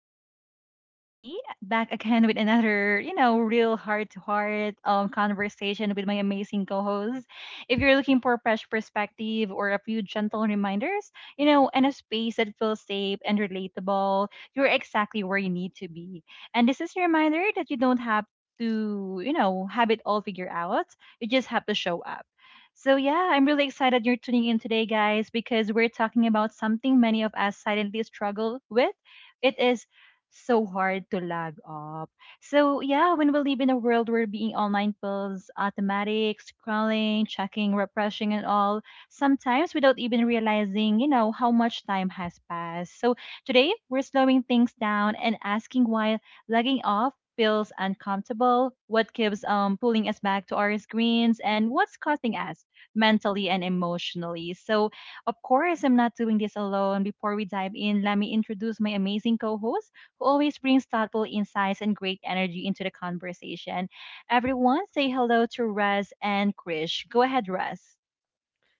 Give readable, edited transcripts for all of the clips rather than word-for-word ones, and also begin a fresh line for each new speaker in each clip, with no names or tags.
It's your host Abby back again with another real heart-to-heart conversation with my amazing co-host. If you're looking for fresh perspective or a few gentle reminders, and a space that feels safe and relatable, you're exactly where you need to be. And this is a reminder that you don't have to, have it all figured out. You just have to show up. So, yeah, I'm really excited you're tuning in today, guys, because we're talking about something many of us silently struggle with. It is so hard to log off. So, yeah, when we live in a world where being online feels automatic, scrolling, checking, refreshing, and all, sometimes without even realizing, how much time has passed. So, today we're slowing things down and asking why logging off feels uncomfortable, what keeps pulling us back to our screens, and what's costing us mentally and emotionally. So, of course, I'm not doing this alone. Before we dive in, let me introduce my amazing co host who always brings thoughtful insights and great energy into the conversation. Everyone, say hello to Rez and Krish. Go ahead, Rez.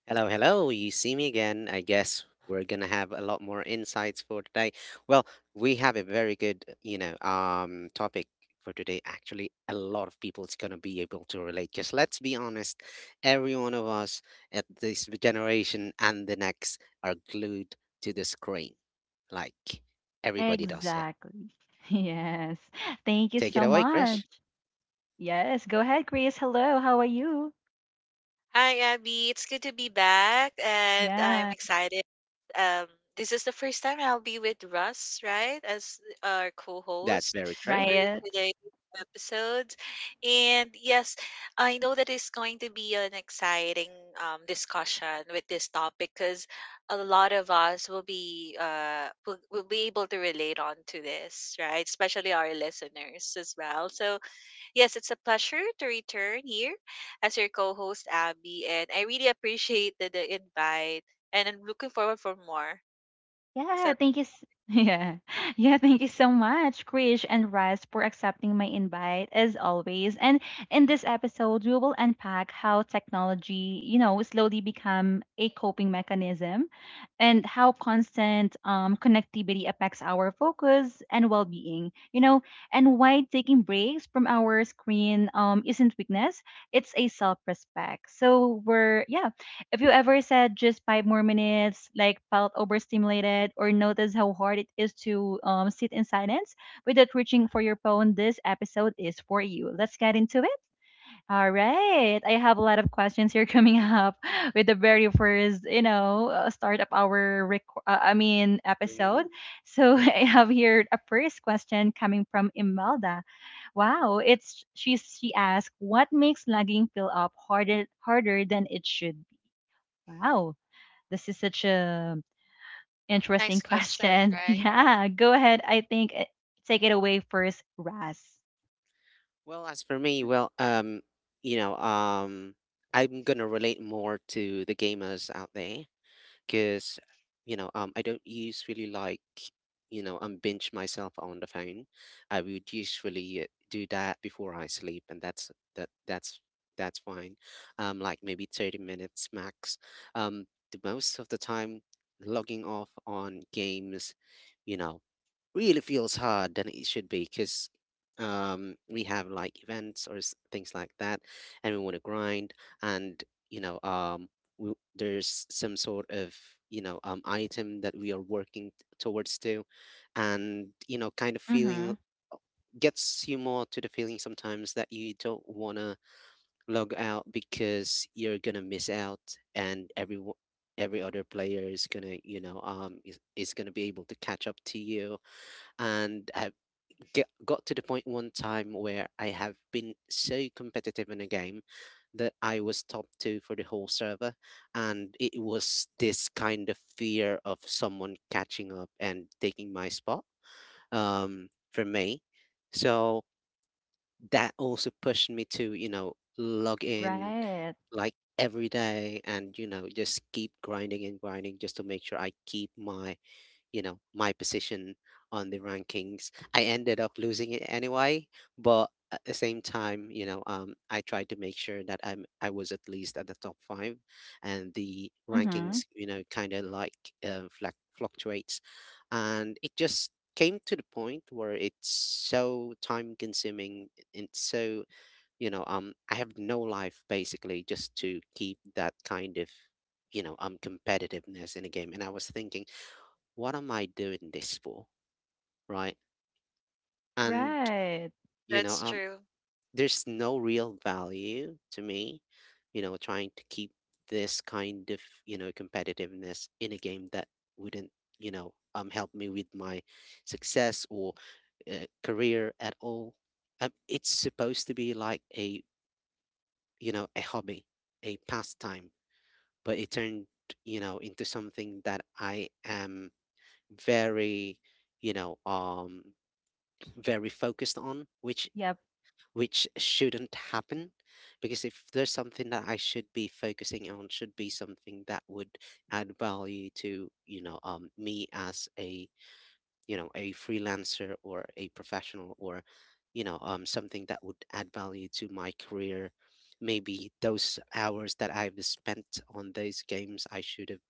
Hello, hello. You see me again. I guess we're gonna have a lot more insights for today. Well, we have a very good, topic for today. Actually, a lot of people is gonna be able to relate. Because let's be honest, every one of us at this generation and the next are glued to the screen. Like everybody does it.
Exactly. Yes. Thank you
Take it
so
away,
much.
Krish.
Yes. Go ahead, Chris. Hello. How are you?
Hi, Abby. It's good to be back, and I'm
Yeah.
excited. Um, this is the first time I'll be with Russ, right, as our
That's
co-host
very true.
for
Right.
today's episodes. And yes, I know that it's going to be an exciting discussion with this topic because a lot of us will be will be able to relate on to this, right? Especially our listeners as well. So yes, it's a pleasure to return here as your co-host Abby, and I really appreciate the invite, and I'm looking forward for more. So
Yeah, thank you. Yeah. Yeah, thank you so much, Krish and Russ, for accepting my invite as always. And in this episode, we will unpack how technology, slowly become a coping mechanism and how constant connectivity affects our focus and well-being, and why taking breaks from our screen isn't weakness, it's a self-respect. So we're, yeah, if you ever said just five more minutes, like felt overstimulated, or noticed how hard it is to sit in silence without reaching for your phone? This episode is for you. Let's get into it. All right. I have a lot of questions here coming up with the very first, start of our I mean
Bring him
episode.
in.
So I have here a first question coming from Imelda. Wow, it's she asked, what makes lagging feel up harder than it should be? Wow. This is such a
nice
interesting
question,
question.
right?
Yeah, go ahead. I think take it away first, Raz.
Well, as for me, you know, um, I'm gonna relate more to the gamers out there because, I don't usually like, binge myself on the phone. I would usually do that before I sleep, and that's that that's fine. Like maybe 30 minutes max. Um, the most of the time, logging off on games, you know really feels hard than it should be because we have like events or things like that, and we want to grind, and you know, um, there's some sort of item that we are working towards to, and you know, kind of
Mm-hmm.
feeling gets you more to the feeling sometimes that you don't want to log out because you're gonna miss out, and every other player is gonna, you know, is gonna be able to catch up to you, and got to the point one time where I have been so competitive in a game that I was top two for the whole server. And it was this kind of fear of someone catching up and taking my spot for me. So that also pushed me to, you know, log in
Right.
like every day and, you know, just keep grinding and grinding just to make sure I keep my you know my position on the rankings. I ended up losing it anyway, but at the same time, I tried to make sure that I was at least at the top five and the
Mm-hmm.
rankings, you know, kind of like fluctuates, and it just came to the point where it's so time consuming and so I have no life basically just to keep that kind of competitiveness in a game, and I was thinking, what am I doing this for? Right. And,
Right.
you know,
That's
um,
true.
there's no real value to me, you know, trying to keep this kind of, you know, competitiveness in a game that wouldn't, help me with my success or career at all. It's supposed to be like a, you know, a hobby, a pastime, but it turned, you know, into something that I am very, you know, um, very focused on, which
Yep.
shouldn't happen, because if there's something that I should be focusing on, should be something that would add value to me as a you know a freelancer or a professional or something that would add value to my career. Maybe those hours that I've spent on those games, I should have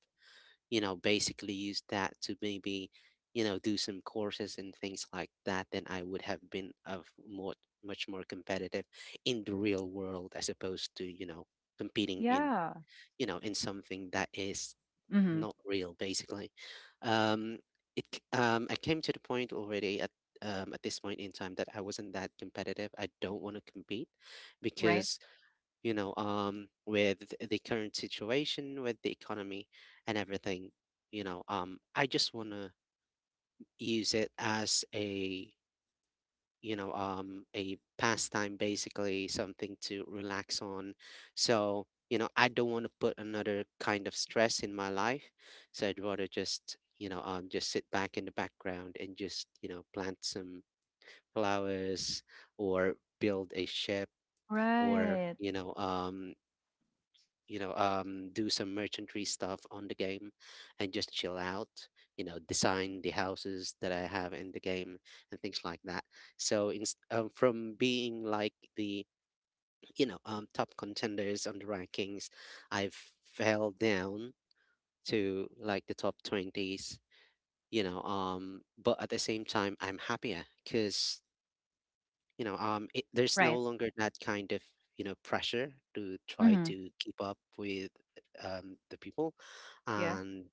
you know, basically use that to maybe, you know, do some courses and things like that, then I would have been of more much more competitive in the real world as opposed to, you know, competing in,
Yeah.
you know, in something that is
Mm-hmm.
not real basically. Um I came to the point already at this point in time that I wasn't that competitive. I don't want to compete
Right.
because you know, with the current situation, with the economy and everything, you know, I just want to use it as a, a pastime, basically something to relax on. So, you know, I don't want to put another kind of stress in my life. So I'd rather just, just sit back in the background and just, you know, plant some flowers or build a ship or,
Right.
do some merchantry stuff on the game and just chill out, you know, design the houses that I have in the game and things like that. So in, from being like the, top contenders on the rankings, I fell down to like the top 20s, but at the same time, I'm happier because there's no
Right.
longer that kind of you know pressure to try
Mm-hmm.
to keep up with the people,
Yeah.
and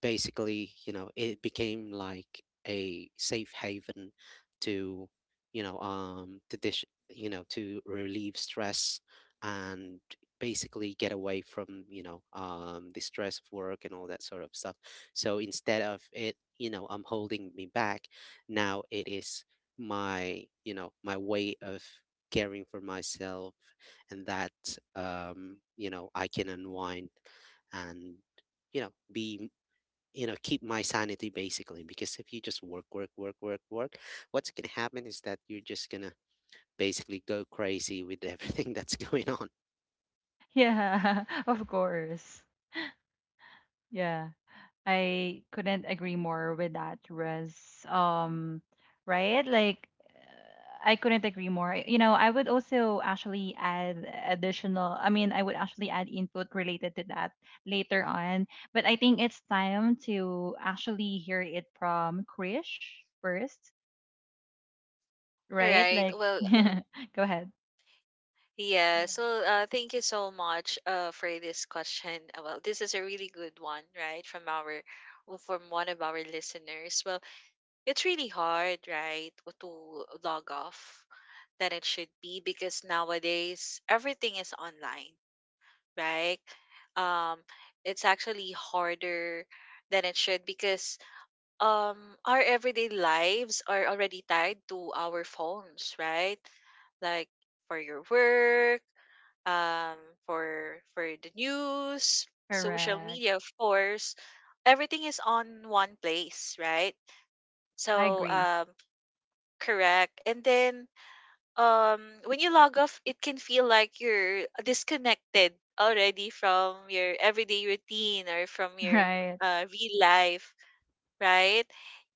basically, you know, it became like a safe haven to you know to relieve stress and basically get away from the stress of work and all that sort of stuff. So instead of it, I'm holding me back, now it is my you know my way of caring for myself. And that, you know, I can unwind and you know be you know keep my sanity basically, because if you just work, work, work, work, work, what's going to happen is that you're just going to basically go crazy with everything that's going on.
Yeah. Of course. Yeah. I couldn't agree more with that, Russ. Right? Like, I couldn't agree more. You know, I would also actually add additional, I mean, I would actually add input related to that later on. But I think it's time to actually hear it from Krish first, right?
Right.
Like,
Well,
go ahead.
yeah.
Yeah.
So, thank you so much, for this question. Well, this is a really good one, right, from well, from one of our listeners. Well, it's really hard, right, to log off than it should be because nowadays everything is online, right? Um, it's actually harder than it should because um, our everyday lives are already tied to our phones, right? Like for your work, um, for the news, social
Correct.
media, of course, everything is on one place, right?
I
So
agree.
correct, and then when you log off it can feel like you're disconnected already from your everyday routine or from your
Right.
real life, right,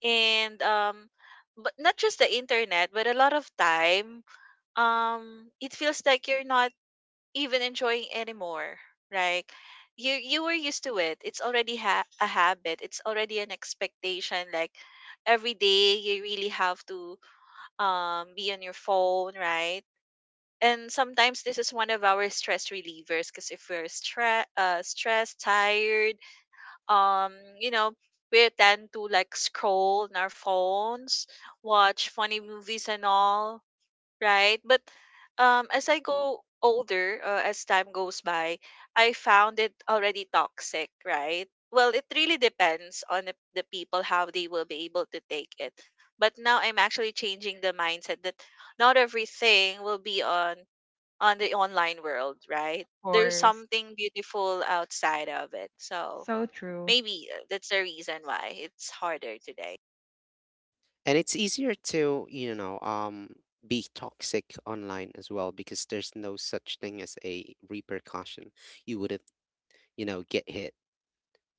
and but not just the internet but a lot of time, it feels like you're not even enjoying anymore, right. You were used to it, it's already a habit, it's already an expectation. Like every day you really have to be on your phone, right, and sometimes this is one of our stress relievers because if we're stressed, tired, um you know we tend to like scroll on our phones, watch funny movies and all, right. But as I go older, as time goes by, I found it already toxic, right. Well, it really depends on the people how they will be able to take it, but now I'm actually changing the mindset that not everything will be on the online world, right?
Of
There's
course.
something beautiful outside of it. So
So true.
maybe that's the reason why it's harder today.
And it's easier to be toxic online as well, because there's no such thing as a repercussion. You wouldn't you know get hit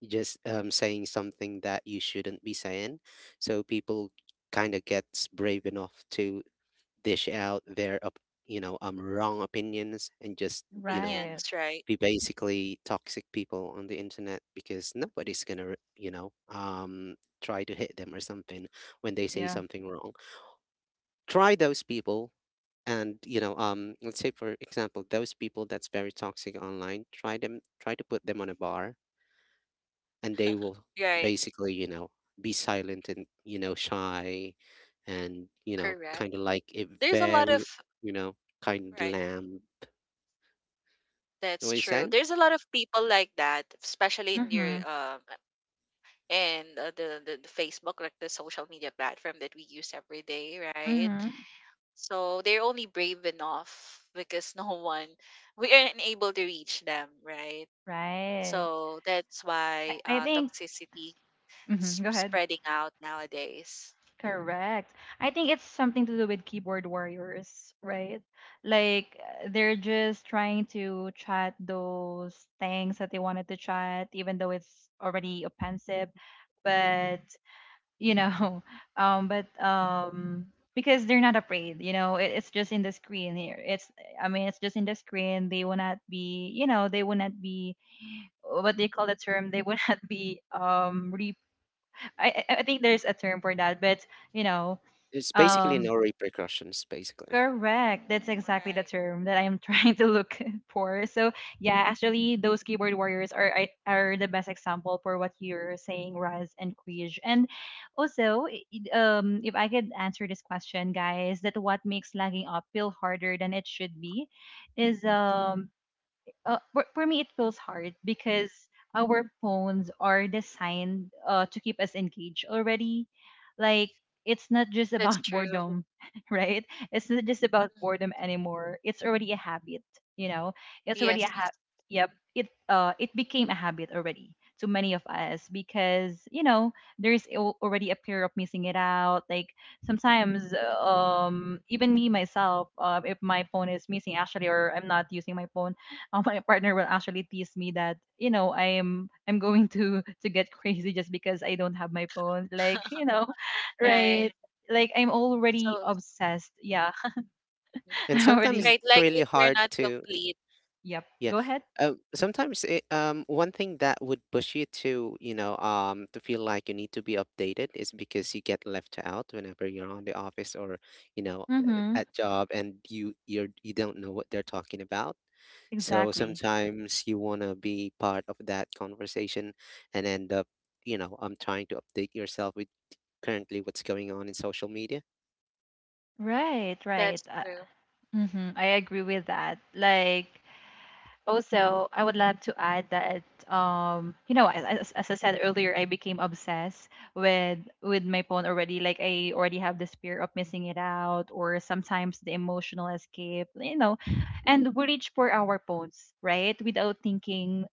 just saying something that you shouldn't be saying. So people kind of gets brave enough to dish out their wrong opinions and just you know
Right.
Opinions, right?
be basically toxic people on the internet, because nobody's gonna try to hit them or something when they say
Yeah.
something wrong. Try those people, and you know let's say for example those people that's very toxic online, try them, try to put them on a bar, and they will
Right.
basically you know be silent and you know shy and you know kind
Correct.
of like a
There's a lot
very
of
you know kind of
right.
lamb. You know
That's
what I'm
true.
saying?
There's a lot of people like that, especially in your
Mm-hmm.
and the Facebook, like the social media platform that we use every day, right?
Mm-hmm.
So they're only brave enough because no one, we aren't able to reach them, right?
Right.
So that's
I,
why
I think.
toxicity
Mhm, go ahead.
spreading out nowadays.
Correct. I think it's something to do with keyboard warriors, right? Like, they're just trying to chat those things that they wanted to chat, even though it's already offensive. But you know, but because they're not afraid, you know, it's just in the screen here. It's, I mean, it's just in the screen. They will not be, they will not be what they call the term. They will not be re I think there's a term for that, but you know,
It's basically
um,
no repercussions basically.
correct. That's exactly the
Right.
term that I am trying to look for. So yeah, actually, those keyboard warriors are the best example for what you're saying, Raz and Quij. And also, if I could answer this question, guys, that what makes lagging up feel harder than it should be, is for me it feels hard because our phones are designed to keep us engaged already. Like, it's not just
That's
about
true.
boredom right? It's not just about
Mhm.
boredom anymore. It's already a habit, you know? It's already a
Yes,
habit. Yep. It became a habit already to many of us because, you know, there's already a fear of missing it out. Like, sometimes even me myself, if my phone is missing actually or I'm not using my phone, my partner will actually tease me that, you know, I'm going to get crazy just because I don't have my phone. Like, you know,
right.
right? Like, I'm already
So,
obsessed. Yeah,
hmm
And
I'm already.
sometimes
right,
it's
like
really
if you're
hard
not
to—
complete,
Yep.
yeah.
Go ahead.
Sometimes it, one thing that would push you to, to feel like you need to be updated is because you get left out whenever you're on the office or, you know,
Mm-hmm.
at job, and you don't know what they're talking about. So
Exactly.
sometimes you want to be part of that conversation and end up, trying to update yourself with currently what's going on in social media,
Right. Right.
that's true.
Mm-hmm. I agree with that. Like, also, I would love to add that, you know, as I said earlier, I became obsessed with my phone already. Like, I already have this fear of missing it out, or sometimes the emotional escape. You know, and we reach for our phones, right? Without thinking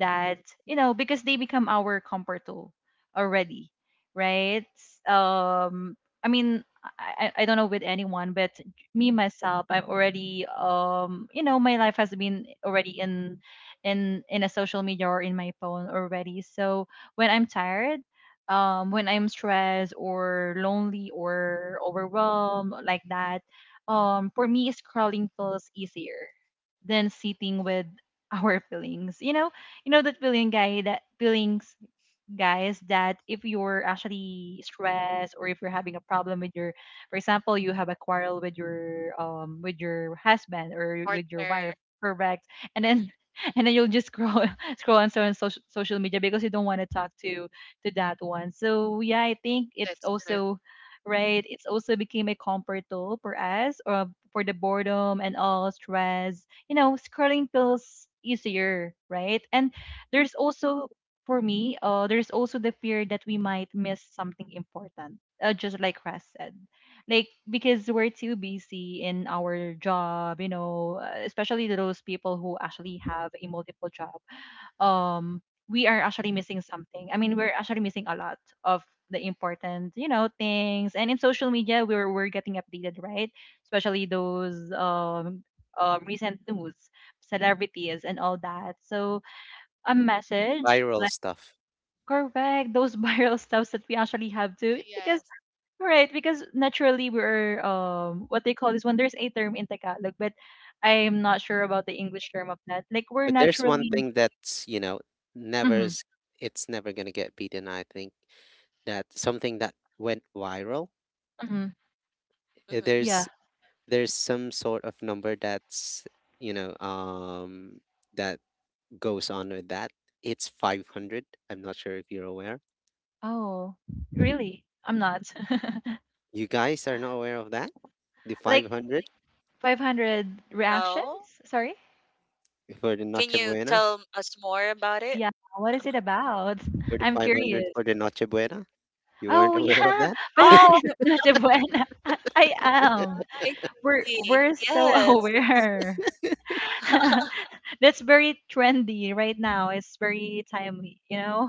that, you know, because they become our comfort tool already, right? Um, I mean, I don't know with anyone, but me myself I'm already you know, my life has been already in a social media or in my phone already. So when I'm tired, when I'm stressed or lonely or overwhelmed like that, for me scrolling feels easier than sitting with our feelings. You know that feeling guy, that feelings guys, that if you're actually stressed or if you're having a problem with your, for example, you have a quarrel with your with your husband or with your wife.
Partner,
Correct. And
mhm,
then and then you'll just scroll scroll on so on social media because you don't want to talk to that one. So yeah, I think it's
that's true.
also right, it's also became a comfort tool for us, or for the boredom and all stress. You know, scrolling feels easier, right? And there's also for me, there's also the fear that we might miss something important, just like Ras said. Like, because we're too busy in our job, you know, especially to those people who actually have a multiple job, um, we are actually missing something. I mean, we're actually missing a lot of the important, you know, things. And in social media, we're getting updated, right? Especially those recent news, celebrities, and all that. So, a
the
message.
viral stuff.
Correct. Those viral stuffs that we actually have to because
Yes.
right, because naturally we're what they call this one, there's a term in Tagalog, but I'm not sure about the English term of that. Like, we're
But there's one
naturally.
thing that's, you know, never
Mm-hmm.
s- it's never gonna get beaten, I think, that something that went viral.
Mm-hmm.
uh,
Mm-hmm.
There's
Yeah.
there's some sort of number that's, you know, um that goes on with that. It's 500. I'm not sure if you're aware.
Oh. Really? I'm not.
You guys are not aware of that? The
Like,
500
500
No,
reactions? Sorry?
for the
can
Noche
you
Buena?
tell us more about it?
Yeah. What is it about?
for
I'm curious.
for the Noche Buena? You weren't
Oh
aware of
yeah.
that?
Five
Oh,
hundred of Noche Buena. I am.
I
We're
see.
we're so
Yes,
aware. That's very trendy right now. It's very timely, you know?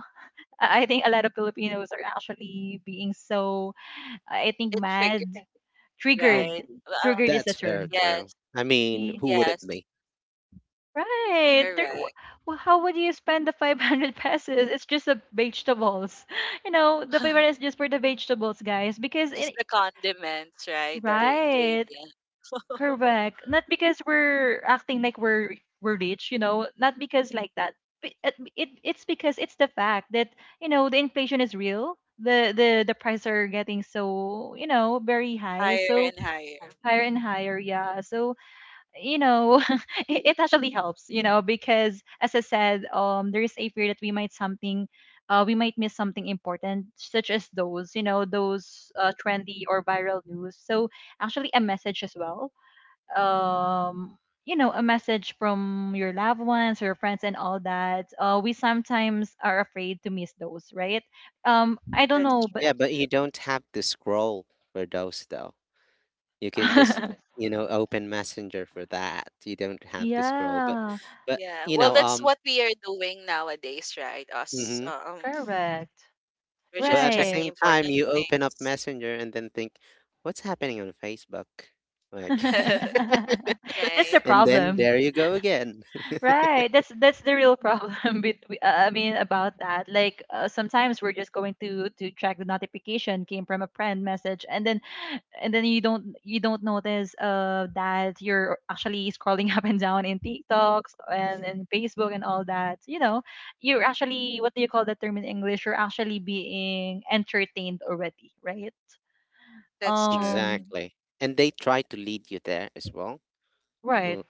I think a lot of Filipinos are actually being so, I think,
it
mad,
triggered,
Oh,
triggered.
right?
Triggered is the
that's very
term.
Yes,
true. I mean,
Y-
who wouldn't
yes,
be?
Right. There,
correct.
how would you spend the 500 pesos? It's just the vegetables. You know, the 500 is just for the vegetables, guys. Because,
Just
it,
the condiments, right? The
right.
ingredient
Correct. Not because we're acting like we're rich, you know, not because like that. It's because it's the fact that, you know, the inflation is real. The prices are getting so, you know, very high,
higher
so
and higher.
higher and higher. Yeah, so, you know, it actually helps, you know, because as I said, there is a fear that we might something. We might miss something important, such as those, trendy or viral news. So actually, a message as well, um you know, a message from your loved ones or your friends and all that, we sometimes are afraid to miss those, right? I don't
That's
know, but
true.
Yeah, but you don't have to scroll for those though. You can just, you know, open Messenger for that. You don't have to scroll, but
yeah,
but
Yeah.
you
Well,
know,
that's
um
what we are doing nowadays, right?
hmm
correct,
We're
but
just
at the
right.
checking
same time
important
you open up
things.
Messenger and then think, what's happening on Facebook? Like
That's the
Right.
and then
problem.
there you go again.
Right. that's the real problem between, I mean about that. Like, sometimes we're just going to track the notification came from a friend message, and then you don't notice that you're actually scrolling up and down in TikToks, and Facebook and all that. You know, you're actually, what do you call that term in English? You're actually being entertained already, right?
That's true.
Um
Exactly. And they try to lead you there as well.
right.
Mm,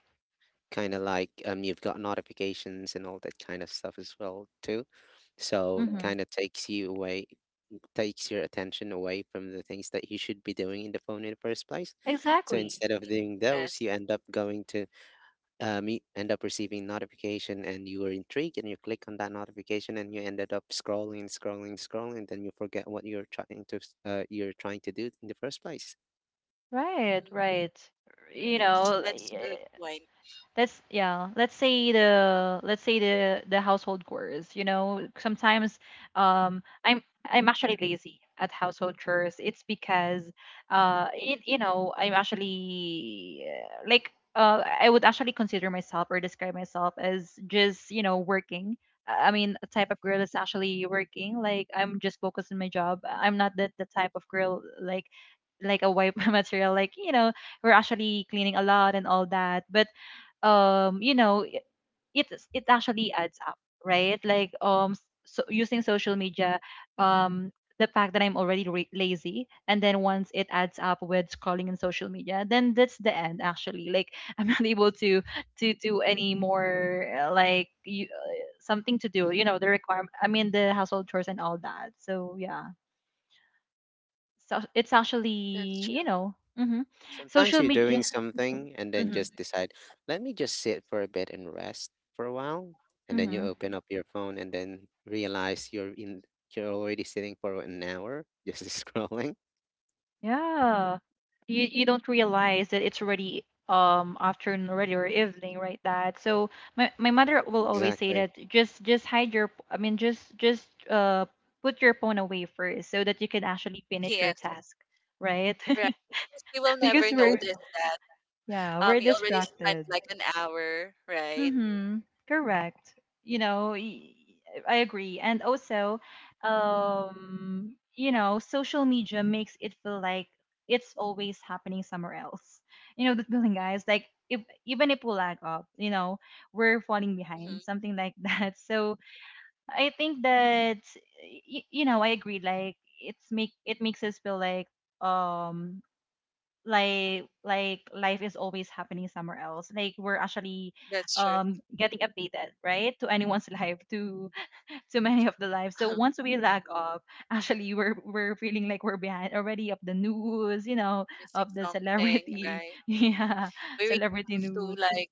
kind of like you've got notifications and all that kind of stuff as well too. So it
Mhm.
kind of takes you away, takes your attention away from the things that you should be doing in the phone in the first place. So
Exactly.
instead of
Mhm.
doing those,
Yes.
you end up going to you end up receiving notification and you were intrigued and you click on that notification and you ended up scrolling, scrolling, scrolling, then you forget what you're trying to you're trying to do in the first place.
Right,
Mm.
right. You
Great.
know,
That's good point.
let's say the, let's say the household chores. You know, sometimes um i'm I'm actually lazy at household chores. It's because it, you know, I'm actually like, I would actually consider myself or describe myself as just, you know, working. I mean, a type of girl that's actually working. Like, I'm just focused on my job. I'm not the type of girl like, a wife material. Like, you know, we're actually cleaning a lot and all that. But um you know it it actually adds up, right? Like so using social media, um the fact that I'm already lazy, and then once it adds up with scrolling in social media, then that's the end actually, like I'm not able to do any more, something to do, the requirement, I mean the household chores and all that. So yeah, so it's
That's
actually,
true.
hmm,
Sometimes
social
you're doing
media.
something and then
Hmm.
just decide, let me just sit for a bit and rest for a while. And then you
Hmm.
open up your phone and then realize you're already sitting for an hour just scrolling.
Yeah. You don't realize that it's already afternoon already or evening, right? That so my mother will always say
Exactly.
that, just hide your, I mean just put your phone away first so that you can actually finish your
Yes.
task, right?
Right. Because you will never
Because we're,
notice that.
yeah, we're
You already spent
distracted.
like an hour, right?
Mm-hmm. Correct. You know, I agree. And also, you know, social media makes it feel like it's always happening somewhere else. You know, the feeling, guys, like, if even if we lag up, you know, we're falling
hmm
behind, something like that. So I think that, you know, I agree. Like it's make it makes us feel like um like life is always happening somewhere else, like we're actually
That's true.
getting updated, right, to anyone's life to many of the lives. So once we lag off, actually we're feeling like we're behind already of the news, you know,
Missing
of the
something,
celebrity,
right?
yeah,
We really
celebrity
have to
news.
like,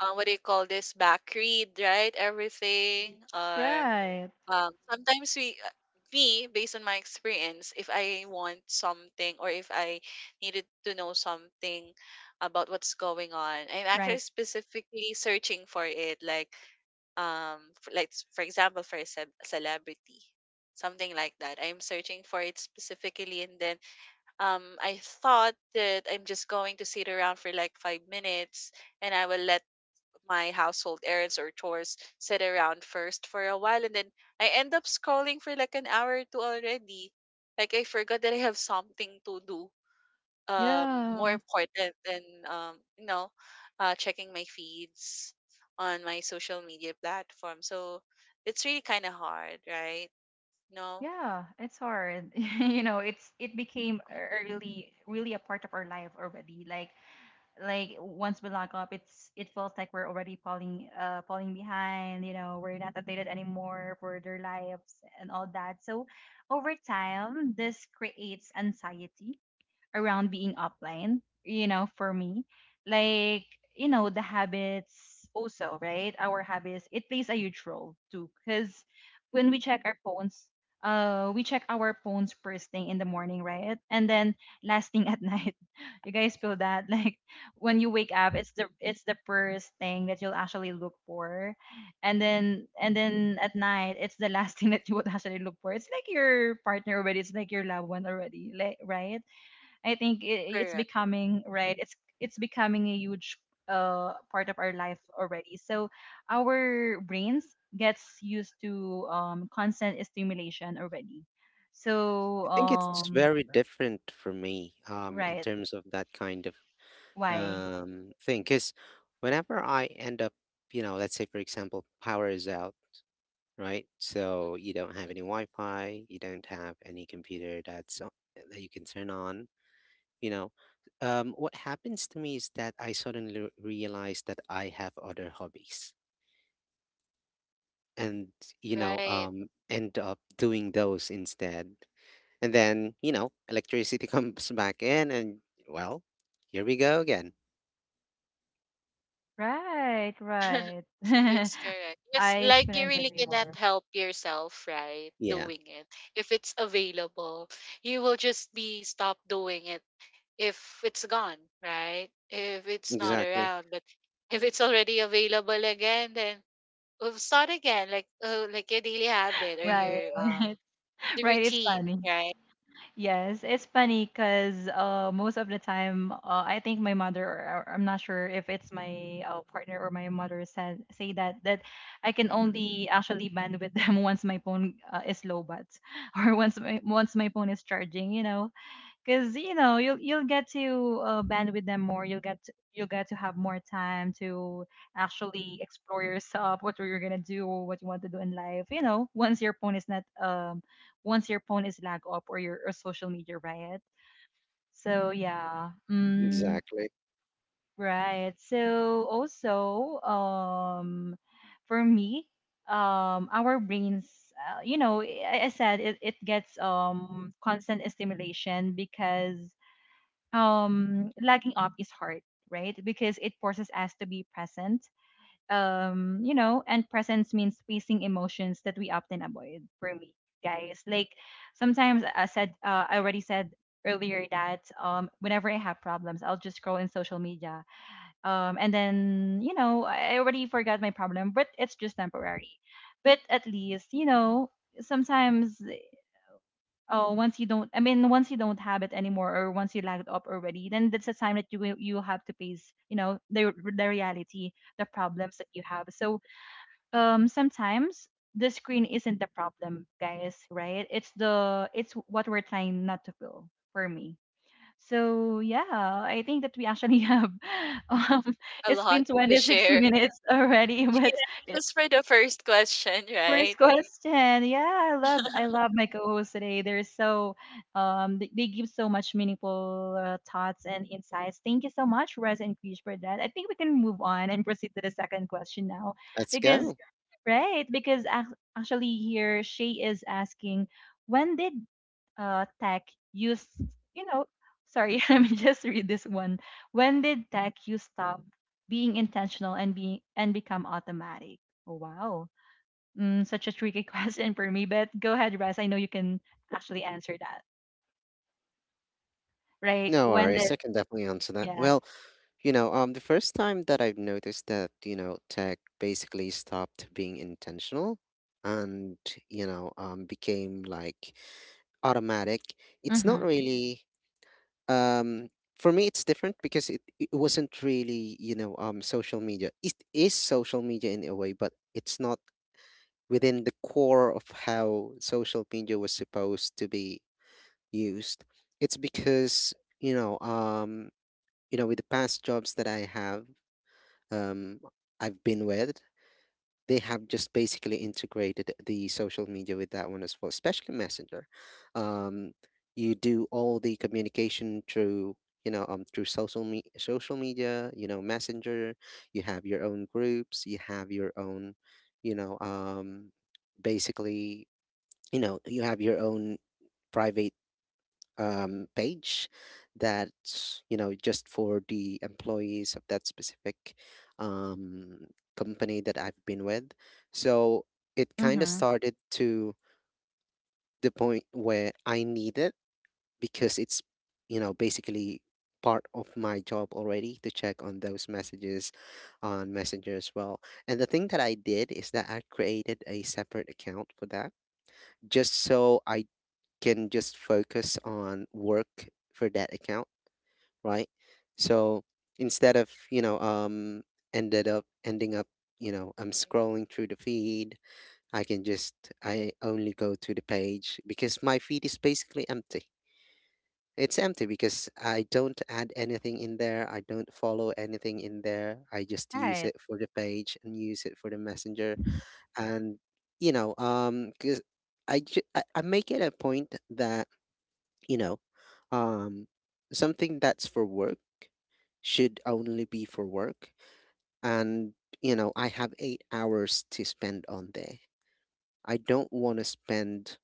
what do you call this, back read right everything, or
Right,
sometimes we, me, based on my experience, if I want something or if I needed to know something about what's going on, I'm
right.
actually specifically searching for it. Like for, like for example for a celebrity, something like that, I'm searching for it specifically and then I thought that I'm just going to sit around for like 5 minutes and I will let my household errands or chores sit around first for a while, and then I end up scrolling for like an hour or two already. Like I forgot that I have something to do, um, more
Yeah,
important than um, you know, checking my feeds on my social media platform. So it's really kind of hard, right? No,
yeah, it's hard. You know, it became a really, really a part of our life already. Like, once we log up, it feels like we're already falling behind, you know, we're not updated anymore for their lives and all that. So over time, this creates anxiety around being offline, you know, for me. Like, you know, the habits also, right? Our habits, it plays a huge role too. Because when we check our phones, we check our phones first thing in the morning, right? And then last thing at night. You guys feel that? Like when you wake up, it's the, it's the first thing that you'll actually look for. And then at night, it's the last thing that you would actually look for. It's like your partner already, it's like your loved one already, like, right? I think, it's
correct.
becoming, right. It's becoming a huge part of our life already. So our brains gets used to constant stimulation already. So,
I think it's very different for me in
right.
terms of that kind of
Why?
thing because whenever I end up, you know, let's say for example, power is out, right?
Mhm.
So you don't have any Wi-Fi, you don't have any computer that's that you can turn on, you know what happens to me is that I suddenly realize that I have other hobbies, and
Right.
end up doing those instead. And then you know electricity comes back in and, well, here we go again.
Right, right.
That's correct. Yes,
I
like you
couldn't
really
agree
cannot
more.
help yourself, right?
Yeah,
Doing it. If it's available, you will just be stop doing it if it's gone, right? If it's not
exactly.
around. But if it's already available again, then we'll start again. Like your daily habit or
Right.
your the
Right, it's
routine,
funny.
right?
Yes, it's funny because, most of the time, I think my mother, or I'm not sure if it's my, partner or my mother said say that, I can only actually band with them once my phone, is low. But or once my phone is charging. You know, because you'll get to, band with them more. You'll get to have more time to actually explore yourself, what you're gonna do, what you want to do in life. You know, once your phone is not, once your phone is lag up, or your or social media riot. So yeah,
Exactly.
right. So also, for me, our brains. You know, I said it, it gets constant stimulation because lagging off is hard, right? Because it forces us to be present, and presence means facing emotions that we often avoid, for me, guys, like, sometimes, I already said earlier that, whenever I have problems, I'll just scroll in social media, and then, you know, I already forgot my problem, but it's just temporary. But at least, you know, sometimes, oh, once you don't, I mean, once you don't have it anymore, or once you lagged up already, then that's the time that you have to face, you know, the reality, the problems that you have. So, sometimes the screen isn't the problem, guys, right? It's what we're trying not to feel, for me. So yeah, I think that we actually have, um
A
it's
lot
been
to
26
share.
minutes already.
Yeah,
But
just for the first question,
first
right?
question. Yeah, I love my co-hosts today. They're so, they give so much meaningful, thoughts and insights. Thank you so much, Rez and Krish, for that. I think we can move on and proceed to the second question now.
Let's
Because
go.
right, because, actually here Shay is asking, when did, tech use, you know sorry, let me just read this one. When did tech use stop being intentional and become automatic? Oh, wow. Mm, such a tricky question for me, but go ahead, Russ. I know you can actually answer that. Like
No
when did,
worries, I can definitely answer that.
yeah.
Well, the first time that I've noticed that you know tech basically stopped being intentional and became like automatic. It's not
Mhm.
really um for me. It's different because it wasn't really, social media. It is social media in a way, but it's not within the core of how social media was supposed to be used. It's because, you know, um, with the past jobs that I have, um I've been with, they have just basically integrated the social media with that one as well, especially Messenger. Um, you do all the communication through through social media, you know, Messenger. You have your own groups. You have your own, you know, um, basically, you know, you have your own private page that's, you know, just for the employees of that specific um, company that I've been with. So it kind of
Mhm.
started to the point where I need it because it's, you know, basically part of my job already to check on those messages on Messenger as well. And the thing that I did is that I created a separate account for that, just so I can just focus on work for that account, right? So instead of ended up ending up, you know, I'm scrolling through the feed, I can just, I only go to the page because my feed is basically empty. It's empty because I don't add anything in there. I don't follow anything in there. I just use
Right.
it for the page and use it for the messenger. And because I, ju- I make it a point that, you know, um, something that's for work should only be for work, and you know I have 8 hours to spend on there. I don't want to spend,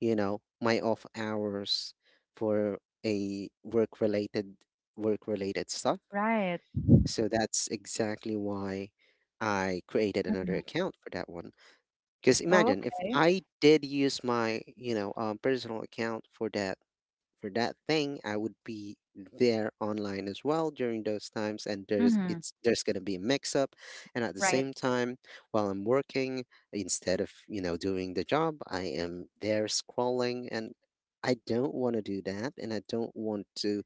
you know, my off hours for a work related stuff.
Right.
So that's exactly why I created another
Mhm.
account for that one, because
Oh,
imagine if
okay.
I did use my, personal account for that, for that thing, I would be there online as well during those times, and
Mhm.
there's going to be a mix up, and at the
Right.
same time, while I'm working, instead of, you know, doing the job, I am there scrolling, and I don't want to do that, and I don't want to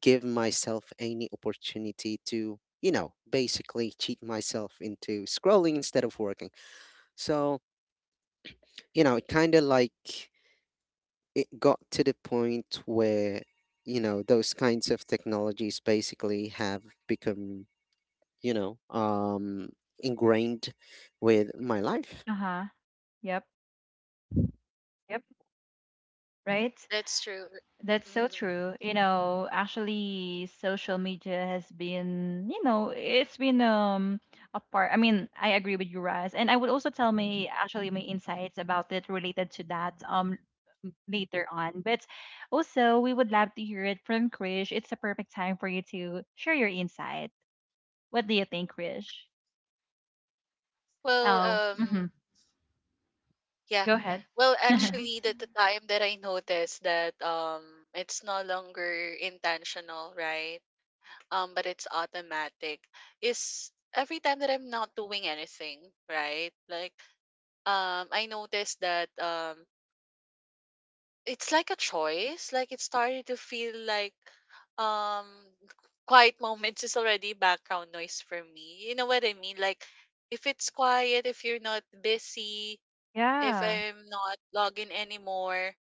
give myself any opportunity to, you know, basically cheat myself into scrolling instead of working. So, you know, it kind of like, it got to the point where, you know, those kinds of technologies basically have become, you know um ingrained with my life.
Uh-huh. Yep. Yep. Right.
That's true.
That's so
Mhm.
true. You know, actually, social media has been, you know, it's been, a part. I mean, I agree with you, Raz, and I would also tell my, actually my insights about it related to that, later on. But also, we would love to hear it from Krish. It's a perfect time for you to share your insight. What do you think, Krish?
Well,
Oh, hmm,
um yeah.
go ahead.
Well, actually, the time that I noticed that it's no longer intentional, right? But it's automatic is every time that I'm not doing anything, right? Like I noticed that it's like a choice. Like it started to feel like um quiet moments is already background noise for me. You know what I mean? Like if it's quiet, if you're not busy, if
Yeah,
I'm not logging anymore,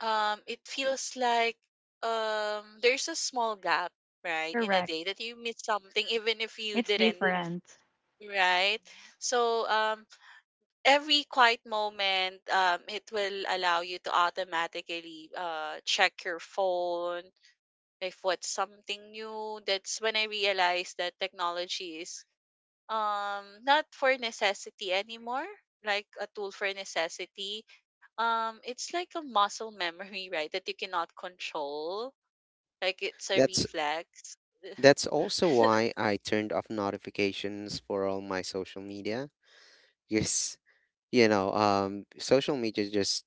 it feels like there's a small gap, right, in a
correct.
day that you miss something even if you
It's
didn't,
different.
right. So every quiet moment, it will allow you to automatically check your phone if what's something new. That's when I realized that technology is not for necessity anymore, like a tool for necessity. Um, it's like a muscle memory, right, that you cannot control. Like it's a
that's
reflex.
that's also why I turned off notifications for all my social media. Yes, social media just,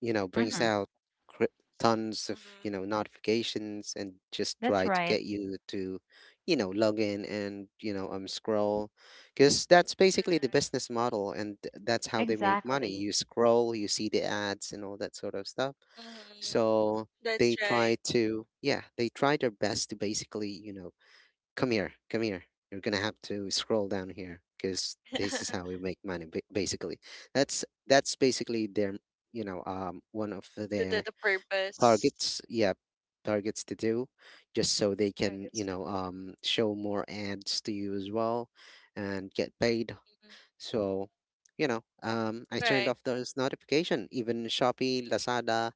you know, brings
Hmm.
out cr- tons of, you know,
Mm-hmm.
notifications and just
That's
try to
right.
get you to, you know, log in and, you know, scroll. Because that's basically the
Correct.
business model, and that's how they make money.
Exactly.
You scroll, you see the ads and all that sort of stuff.
Mm-hmm.
So
That's
they
right.
try to, yeah, they try their best to basically, you know, come here, come here. You're gonna have to scroll down here because this is how we make money, basically. That's basically their, you know, one of
the, the
their
the purpose.
targets. Yeah, targets to do, just so they
I
can,
guess
you
that
know, show more ads to you as well, and get paid.
mhm.
So, you know, I turned
Right.
off those notification. Even Shopee, Lazada,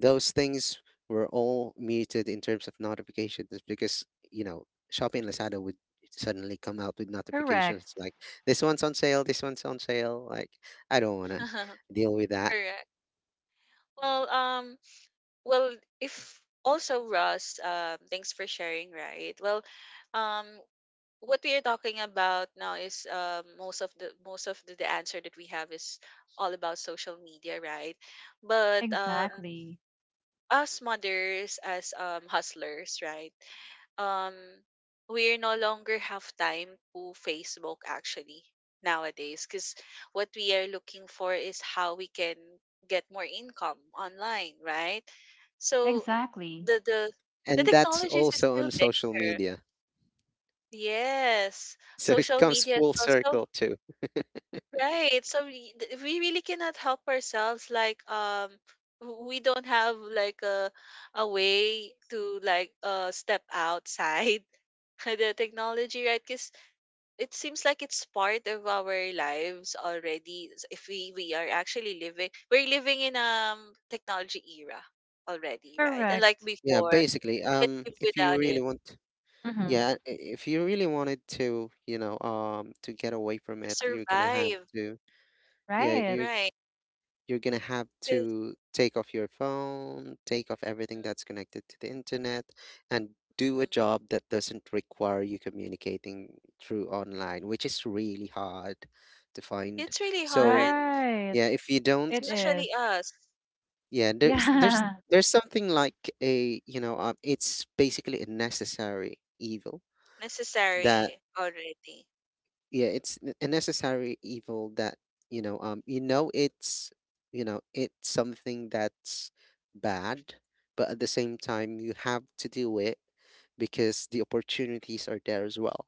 those things were all muted in terms of notifications because, you know, Shopee and Lazada would suddenly come out with notifications
Correct.
like this one's on sale, this one's on sale. Like I don't want to deal with that,
Correct. Well, well, if also Ross, thanks for sharing. Right. Well, um, what we are talking about now is most of the answer that we have is all about social media, right? But
Exactly.
us mothers, as hustlers, right? Um, we no longer have time to Facebook actually nowadays because what we are looking for is how we can get more income online, right? So
Exactly.
the the the
and that's
technologies is
also
still
on social
there.
media,
Yes,
so it
social
comes
media is
full
also
circle too.
right. So we, we really cannot help ourselves. Like we don't have like a way to like step outside the technology, right? Because it seems like it's part of our lives already. If we are actually living, we're living in technology era already, right? And like
Correct.
Yeah,
before,
basically,
we could live
if you
without
really
it
want,
Mm-hmm.
yeah, if you really wanted to, you know, to get away from
to
it, you're gonna have
survive,
to, yeah,
Right.
right?
you're going to have
'Cause
to take off your phone, take off everything that's connected to the internet, and do a
mhm,
job that doesn't require you communicating through online, which is really hard to find.
it's really
So,
hard,
Right.
yeah, if you
It
don't,
is.
especially
Mm-hmm.
us.
yeah,
Yeah.
there's something like a, you know, it's basically a necessary evil that,
Necessary already.
yeah, it's a necessary evil that, you know, um, you know it's, you know, it's something that's bad, but at the same time you have to do it because the opportunities are there as well.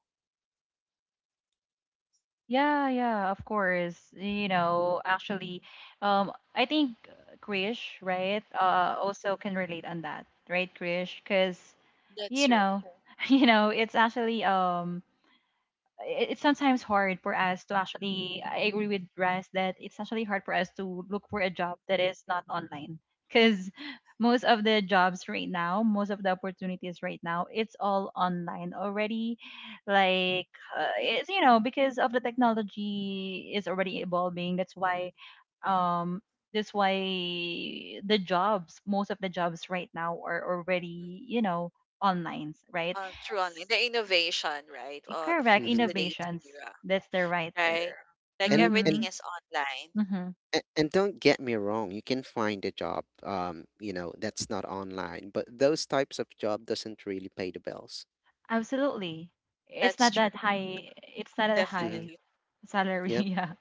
Yeah, yeah, of course. You know, actually, I think, Krish, right, also can relate on that, right, Krish? Because,
That's
you
true.
know, you know, it's actually, it's sometimes hard for us to actually, I agree with Russ that it's actually hard for us to look for a job that is not online, because most of the jobs right now, most of the opportunities right now, it's all online already. Like, it's, you know, because of the technology is already evolving, that's why, um that's why the jobs, most of the jobs right now, are
Mhm.
already, you know, online, right?
Uh, through online, the innovation, right,
Correct.
of
Mm-hmm.
today's
Innovations.
era,
That's the right term.
right? Like
and
everything
and
is
Mm-hmm.
online.
Mm-hmm.
a- and don't get me wrong, you can find a job, um, you know, that's not online, but those types of job doesn't really pay the bills.
Absolutely. It's
That's
not
true.
that high. It's not a
Mm-hmm.
high
Definitely.
salary.
Yep.
Yeah.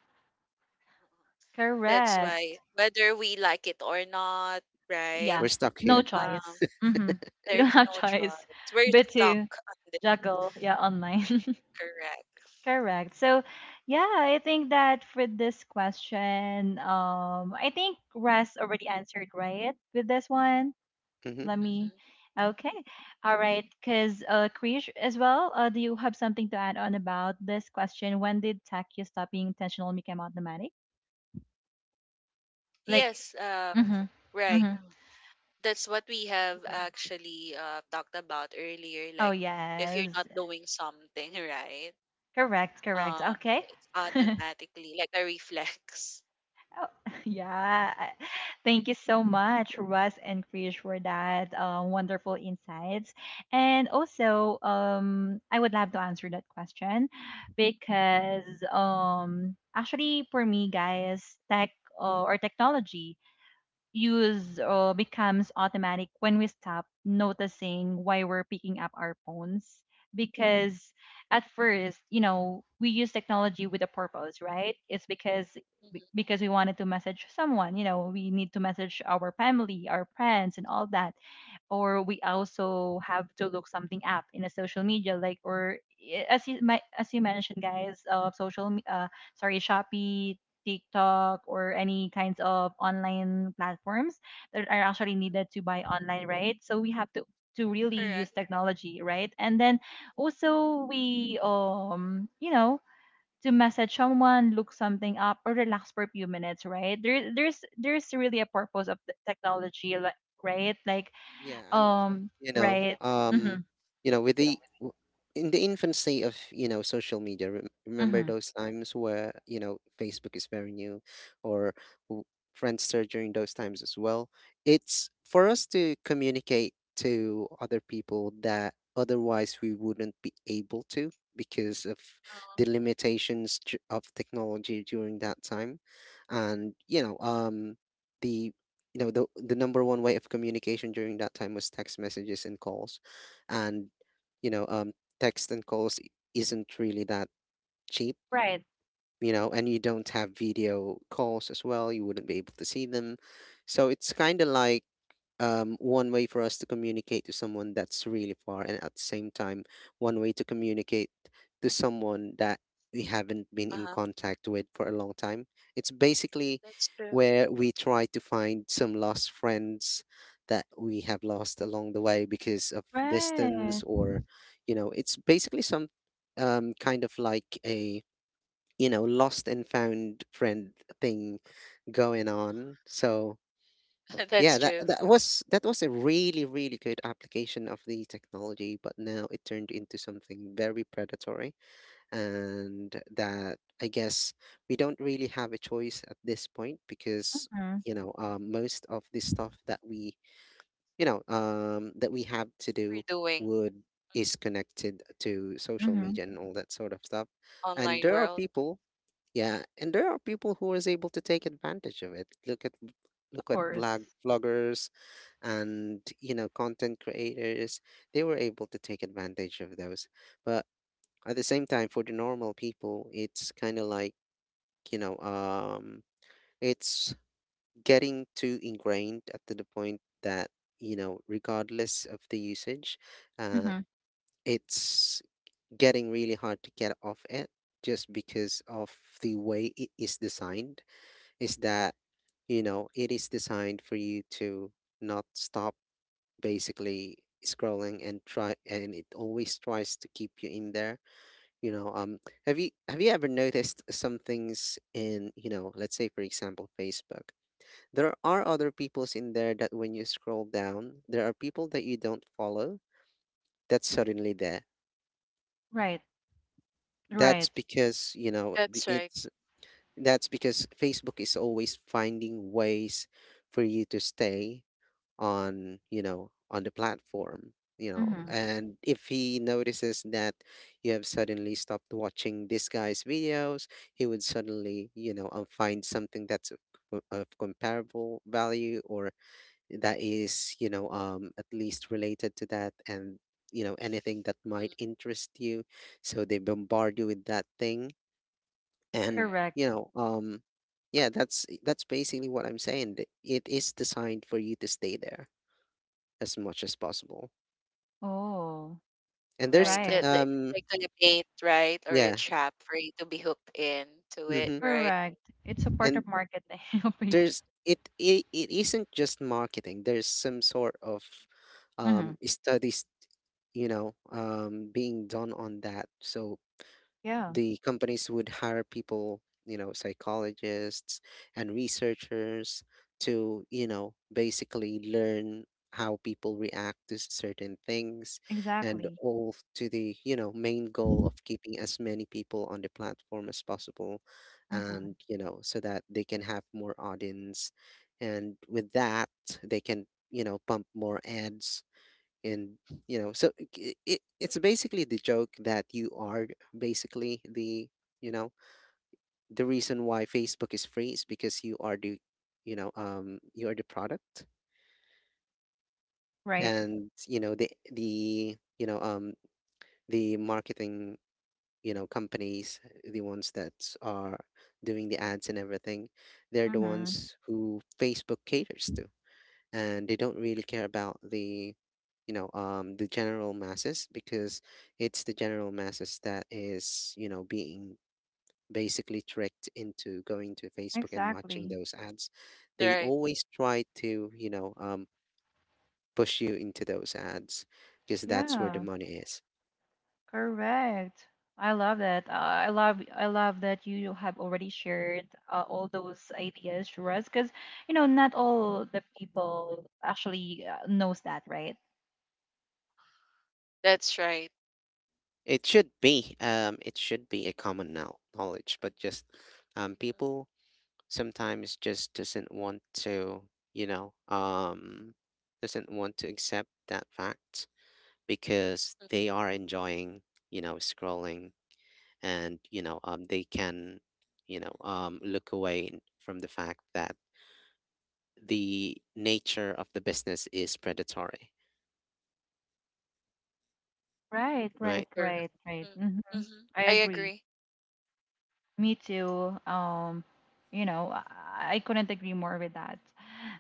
Mhm. That's
Correct.
why, whether we like it or not, right?
We're
Yeah.
stuck
No
here.
Um,
choice. Mm-hmm. We don't
there's
have
no
choice
choice. We're
but
stuck
to
on this,
juggle. Yeah. Online.
correct?
Correct. So, yeah, I think that for this question, I think Russ already answered right with this one.
Mhm.
Let me.
Mm-hmm.
Okay. All right. Because, Krish, as well, do you have something to add on about this question? When did Takya stop being intentional and became automatic? Like,
Yes, um,
mm-hmm.
right.
Mm-hmm.
That's what we have actually talked about earlier.
Oh,
Like, if you're not
yes.
doing something, right?
Correct. Correct. Okay.
It's automatically like a reflex.
Oh, yeah. I- Thank you so much, Russ and Krish, for that, wonderful insights. And also, I would love to answer that question because, actually, for me, guys, tech, or technology use, becomes automatic when we stop noticing why we're picking up our phones. Because at first, you know, we use technology with a purpose, right? It's
Hmm
because we wanted to message someone, you know, we need to message our family, our friends, and all that, or we also have to look something up in a social media, like, or as you mentioned, guys, sorry, Shopee, TikTok, or any kinds of online platforms that are actually needed to buy online, right? So we have to really
Correct.
use technology, right? And then
Mhm.
also we, you know, to message someone, look something up, or relax for a few minutes, right? There's really a purpose of the technology, right? Like,
Yeah, and you know,
right, mm-hmm,
um, you know, with the in the infancy of, you know, social media, remember
mm-hmm,
those times where, you know, Facebook is very new, or w- Friendster during those times as well. It's for us to communicate to other people that otherwise we wouldn't be able to because of
Um,
the limitations of technology during that time, and you know, the, you know, the number one way of communication during that time was text messages and calls, and you know um text and calls isn't really that cheap,
right,
you know, and you don't have video calls as well, you wouldn't be able to see them. So it's kind of like, one way for us to communicate to someone that's really far, and at the same time, one way to communicate to someone that we haven't been in
uh-huh.
contact with for a long time. It's basically
That's true.
where we try to find some lost friends that we have lost along the way because of
right,
distance, or, you know, it's basically some, kind of like a, you know, lost and found friend thing going on. So, yeah,
That's
that
true.
that was that was a really, really good application of the technology, but now it turned into something very predatory, and that I guess we don't really have a choice at this point because,
mm-hmm,
you know, most of the stuff that we, that we have to
We're
do
doing
would is connected to social
mm-hmm,
media and all that sort of stuff, and
online
there are
world.
people, yeah, and there are people who is able to take advantage of it. Look at
of
look at
course,
blog vloggers, and you know content creators. They were able to take advantage of those. But at the same time, for the normal people, it's kind of like, you know, it's getting too ingrained up to the point that, you know, regardless of the usage, uh,
mm-hmm,
it's getting really hard to get off it just because of the way it is designed, is that, you know, it is designed for you to not stop, basically scrolling, and try, and it always tries to keep you in there. You know, um, have you ever noticed some things in, you know, let's say for example Facebook, there are other people's in there, that when you scroll down there are people that you don't follow that's suddenly there.
right,
That's
right,
because, you know,
That's right.
it's, that's because Facebook is always finding ways for you to stay on, you know, on the platform, you know,
mm-hmm,
and if he notices that you have suddenly stopped watching this guy's videos, he would suddenly, you know, find something that's of, of comparable value, or that is, you know, um, at least related to that, and you know anything that
Mm,
might interest you, so they bombard you with that thing. And
correct.
correct.
you know, um, yeah, that's basically what I'm saying, it is designed for you to stay there as much as possible.
Oh,
And there's
Right.
right,
That
um,
it's like a bait, right? Or a
yeah,
trap for you to be hooked into it,
mm-hmm.
right?
correct. It's a part
And
of marketing, please.
there's it isn't just marketing. There's some sort of
Mm-hmm.
studies, you know, um, being done on that. So
Yeah,
the companies would hire people, you know, psychologists and researchers to, you know, basically learn how people react to certain things, and
exactly.
all to the, you know, main goal of keeping as many people on the platform as possible,
Mm-hmm.
and, you know, so that they can have more audience. And with that, they can, pump more ads and you know so it's basically the joke that you are basically the you know the reason why Facebook is free is because you are the you are the product.
Right.
And the marketing, companies, the ones that are doing the ads and everything, they're the
Mm-hmm.
ones who Facebook caters to. And they don't really care about the, the general masses, because it's the general masses that is, being basically tricked into going to Facebook and watching
Exactly.
those ads. They
Right.
always try to, push you into those ads because that's where the
Yeah.
money is.
Correct. I love that. I love that you have already shared, all those ideas, Shiraz, because, you know, not all the people actually, knows that, right?
That's right.
It should be it should be a common now knowledge, but just people
Mm-hmm.
sometimes just doesn't want to, you know, um, doesn't want to accept that fact because
Mm-hmm.
they are enjoying, scrolling, and, they can, look away from the fact that the nature of the business is predatory,
Right, right,
right?
Correct.
right, right. Mm-hmm.
Mm-hmm.
I
I
agree.
agree.
Me too. You know, I couldn't agree more with that.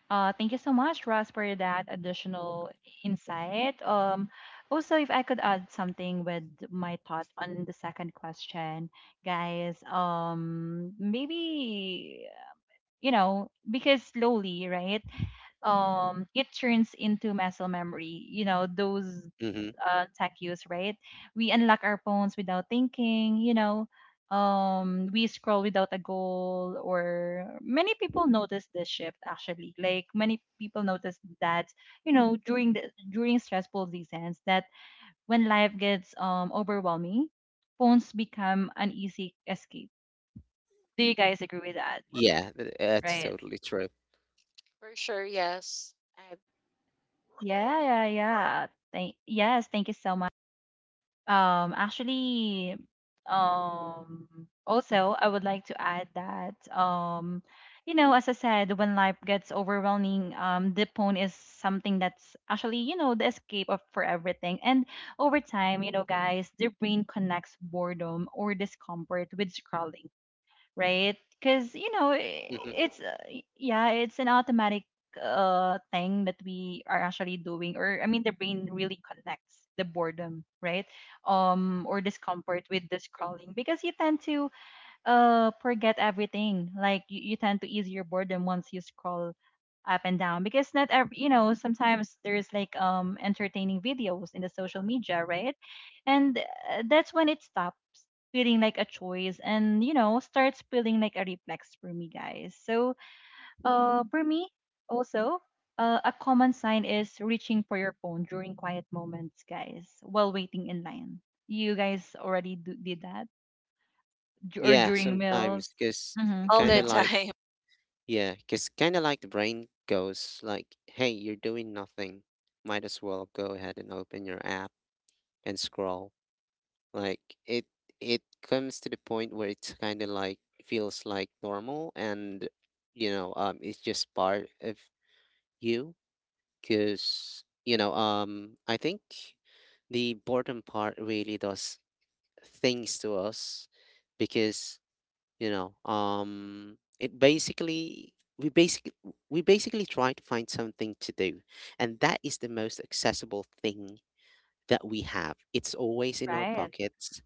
Thank you so much, Ross, for that additional insight. Also, if I could add something with my thought on the second question, guys, maybe, you know, because slowly, right, it turns into muscle memory, you know, those,
Mm-hmm.
tech use, right? We unlock our phones without thinking, you know. We scroll without a goal, or many people notice this shift actually. Like many people notice that, you know, during stressful seasons, that when life gets, overwhelming, phones become an easy escape. Do you guys agree with that?
Yeah, that's
Right.
totally true.
For sure, yes. And
Yeah, yeah, yeah. Thank you so Um, actually, um, I would like to add that, you know, as I said, when life gets overwhelming, Dipone is something that's actually, you know, the escape of for everything. And over time, you know, guys, the brain connects boredom or discomfort with scrolling, right? Because you know, I-
Mm-hmm.
it's y- yeah, It's an automatic thing that we are actually doing, or I mean, the brain really connects the boredom, right? Or discomfort with the scrolling because you tend to forget everything. Like you tend to ease your boredom once you scroll up and down because not every, you know, sometimes there's like entertaining videos in the social media, right? And that's when it stops feeling like a choice, and you know, starts feeling like a reflex for me guys. So for me also, a common sign is reaching for your phone during quiet moments guys, while waiting in line. You guys already do, did that? Or
Yeah,
during
sometimes
meals.
because
Mm-hmm.
all
kind
the
of
Mm-hmm.
like,
time.
yeah, cause kind of like the brain goes like, "Hey, you're doing nothing. Might as well go ahead and open your app and scroll." Like, it it comes to the point where it's kind of like feels like normal, and it's just part of you. Cause I think the boredom part really does things to us because it basically, we basically try to find something to do, and that is the most accessible thing that we have. It's always in our
Right.
pockets,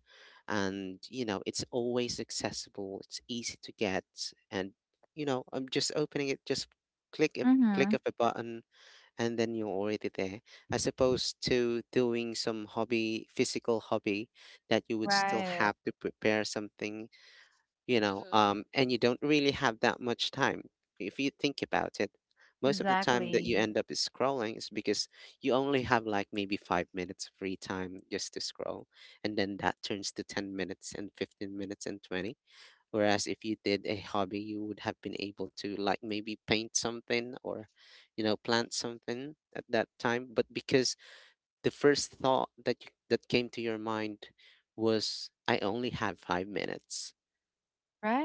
and it's always accessible, it's easy to get. And I'm just opening it, just click a click
Mm-hmm.
of a button and then you're already there, as opposed to doing some hobby, physical hobby, that you would still
Right.
have to prepare something,
Mm-hmm.
and you don't really have that much time, if you think about it. Most of the time that you
Exactly.
end up is scrolling is because you only have like maybe 5 minutes free time just to scroll, and then that turns to 10 minutes and 15 minutes and 20, whereas if you did a hobby you would have been able to like maybe paint something, or plant something at that time. But because the first thought that that came to your mind was I only have 5 minutes,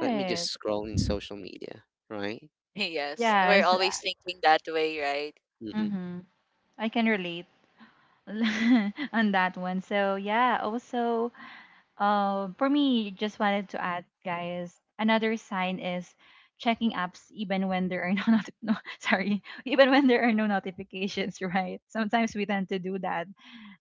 let me just scroll in social media, right?
Yes. We're
Yes.
always thinking that way, right?
Hmm.
Mm-hmm. I can relate on that one. So yeah, also, for me, just wanted to add, guys, another sign is checking apps even when there are no, sorry, even when there are no notifications, right? Sometimes we tend to do that.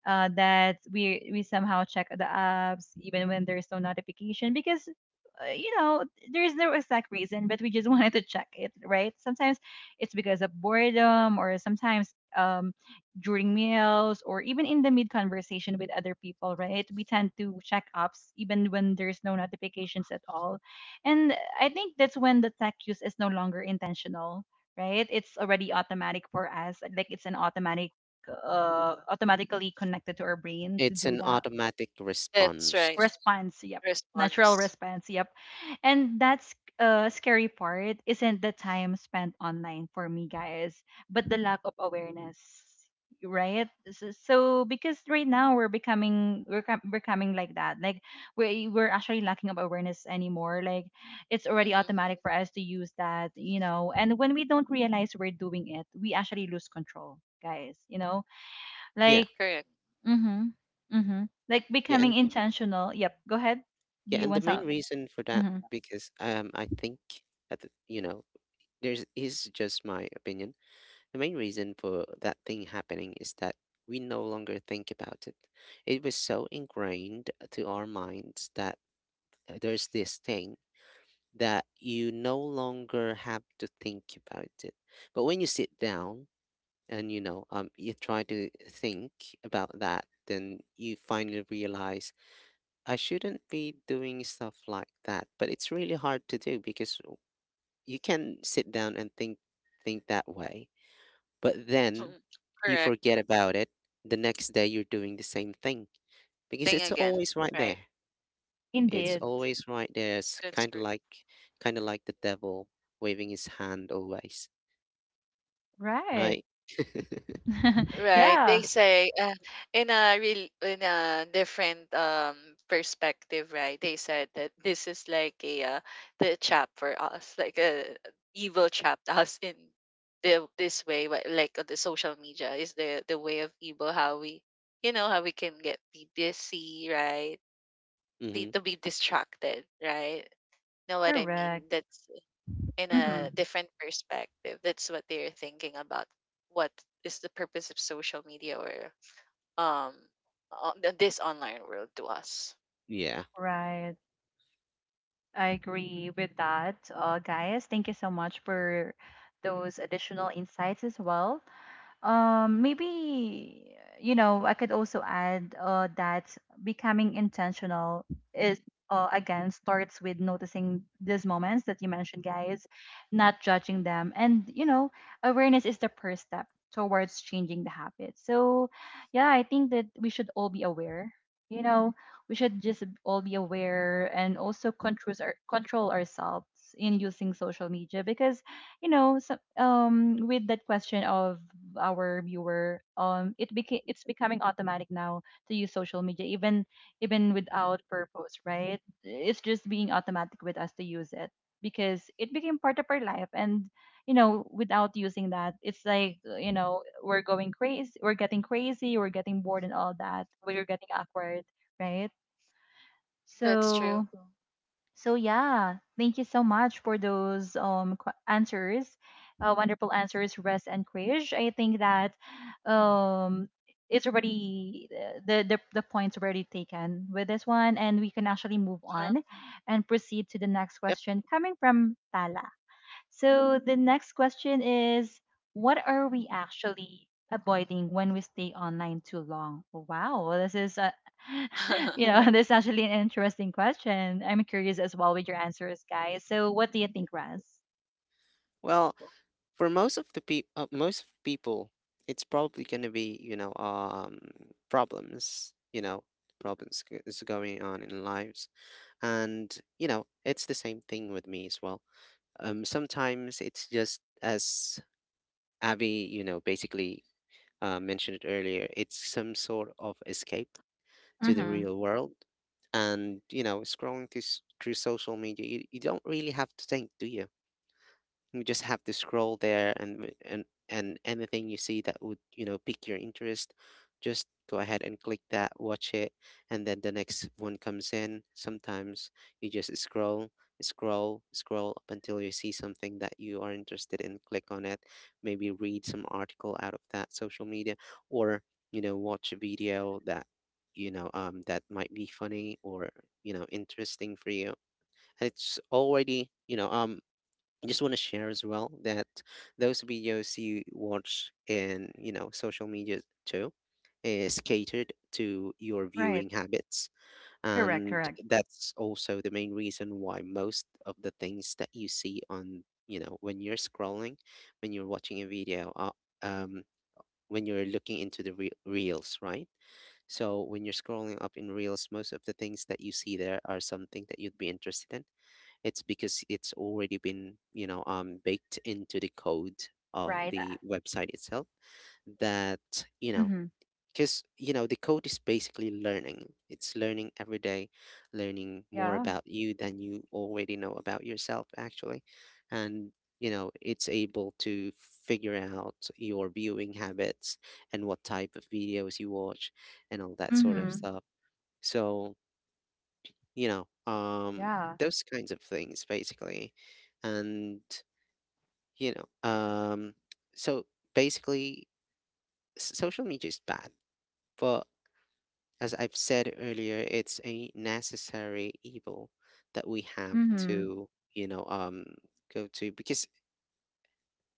That we somehow check the apps even when there's no notification, because you know, there's no exact reason, but we just wanted to check it, right? Sometimes it's because of boredom, or sometimes during meals, or even in the mid conversation with other people, right? We tend to check apps even when there's no notifications at all. And I think that's when the tech use is no longer intentional, right? It's already automatic for us, like it's an automatic, automatically connected to our brain to
It's
do
an
that
automatic
That's
response.
right.
response. Yep, natural
Response.
response. Yep, and that's scary part isn't the time spent online for me guys, but the lack of awareness, right? So, because right now we're coming like that, like we're actually lacking of awareness anymore, like it's already
Hmm
automatic for us to use that, you know, and when we don't realize we're doing it, we actually lose control, guys, you know,
Yeah,
like
Correct.
Mhm. Mhm. Like
yeah,
becoming
and
intentional. Yep. Go ahead. Do
yeah,
you
and the
want
main
some?
reason for that,
Mhm.
because I think at there's is just my opinion. The main reason for that thing happening is that we no longer think about it. It was so ingrained to our minds that there's this thing that you no longer have to think about it. But when you sit down and you try to think about that, then you finally realize I shouldn't be doing stuff like that. But it's really hard to do because you can sit down and think that way, but then
Mhm.
you
Correct.
forget about it. The next day you're doing the same thing because
Think
it's
again.
always right
Right.
there. It's
Indeed.
always right there. It's
That's
kind of
true.
like, kind of like the devil waving his hand always,
Right.
right?
Right.
yeah.
They say in a real, in a different perspective, right? They said that this is like a the trap for us, like a evil trapped us in the this way, but like the social media is the way of evil. How we, you know, how we can get be busy, right? Be
Hmm.
to be distracted, right? Know what I
Correct.
mean? That's in a
Mhm.
different perspective. That's what they're thinking about. What is the purpose of social media or um on this online world to us?
Yeah.
Right. I agree with that. Guys, thank you so much for those additional insights as well. Maybe you know, I could also add that becoming intentional is, again, starts with noticing these moments that you mentioned, guys, not judging them, and you know, awareness is the first step towards changing the habit. So, yeah, I think that we should all be aware. You know, we should just all be aware and also control control ourselves in using social media because you know, so, with that question of our viewer, it became it's becoming automatic now to use social media, even even without purpose, right? It's just being automatic with us to use it because it became part of our life. And you know, without using that, it's like, you know, we're going crazy, we're getting crazy, we're getting bored, and all that, we're getting awkward, right?
That's true.
So so yeah, thank you so much for those answers, wonderful answers, Rest and Krish. I think that um it's already the points already taken with this one, and we can actually move
Huh?
on and proceed to the next
Yep.
question coming from Tala. So the next question is, what are we actually avoiding when we stay online too long? Wow, this is a you know, this is actually an interesting question. I'm curious as well with your answers, guys. So what do you think, Raz?
Well, for most of the people, most of people, it's probably going to be, problems, problems is going on in lives. And it's the same thing with me as well. Sometimes it's just as Abby, basically mentioned it earlier, it's some sort of escape to the
Mm-hmm.
real world. And scrolling through, through social media, you don't really have to think, do you? You just have to scroll there, and and anything you see that would pique your interest, just go ahead and click that, watch it, and then the next one comes in. Sometimes you just scroll, scroll, scroll up until you see something that you are interested in, click on it, maybe read some article out of that social media, or watch a video that that might be funny or interesting for you. And it's already I just want to share as well that those videos you watch in, social media too is catered to your
Right.
viewing habits.
Correct.
And
Correct.
that's also the main reason why most of the things that you see on, when you're scrolling, when you're watching a video, um, when you're looking into the reels, right? So when you're scrolling up in Reels, most of the things that you see there are something that you'd be interested in. It's because it's already been baked into the code of
Right.
the website itself, that you know
Mm-hmm.
because the code is basically learning, it's learning every day, learning more
Yeah.
about you than you already know about yourself actually. And it's able to figure out your viewing habits, and what type of videos you watch, and all that sort of
Mm-hmm.
stuff. So you know, um,
Yeah.
those kinds of things basically. And, you know, um, so basically, social media is bad, but as I've said earlier, it's a necessary evil that we have
Mm-hmm.
to, you know, um, go to because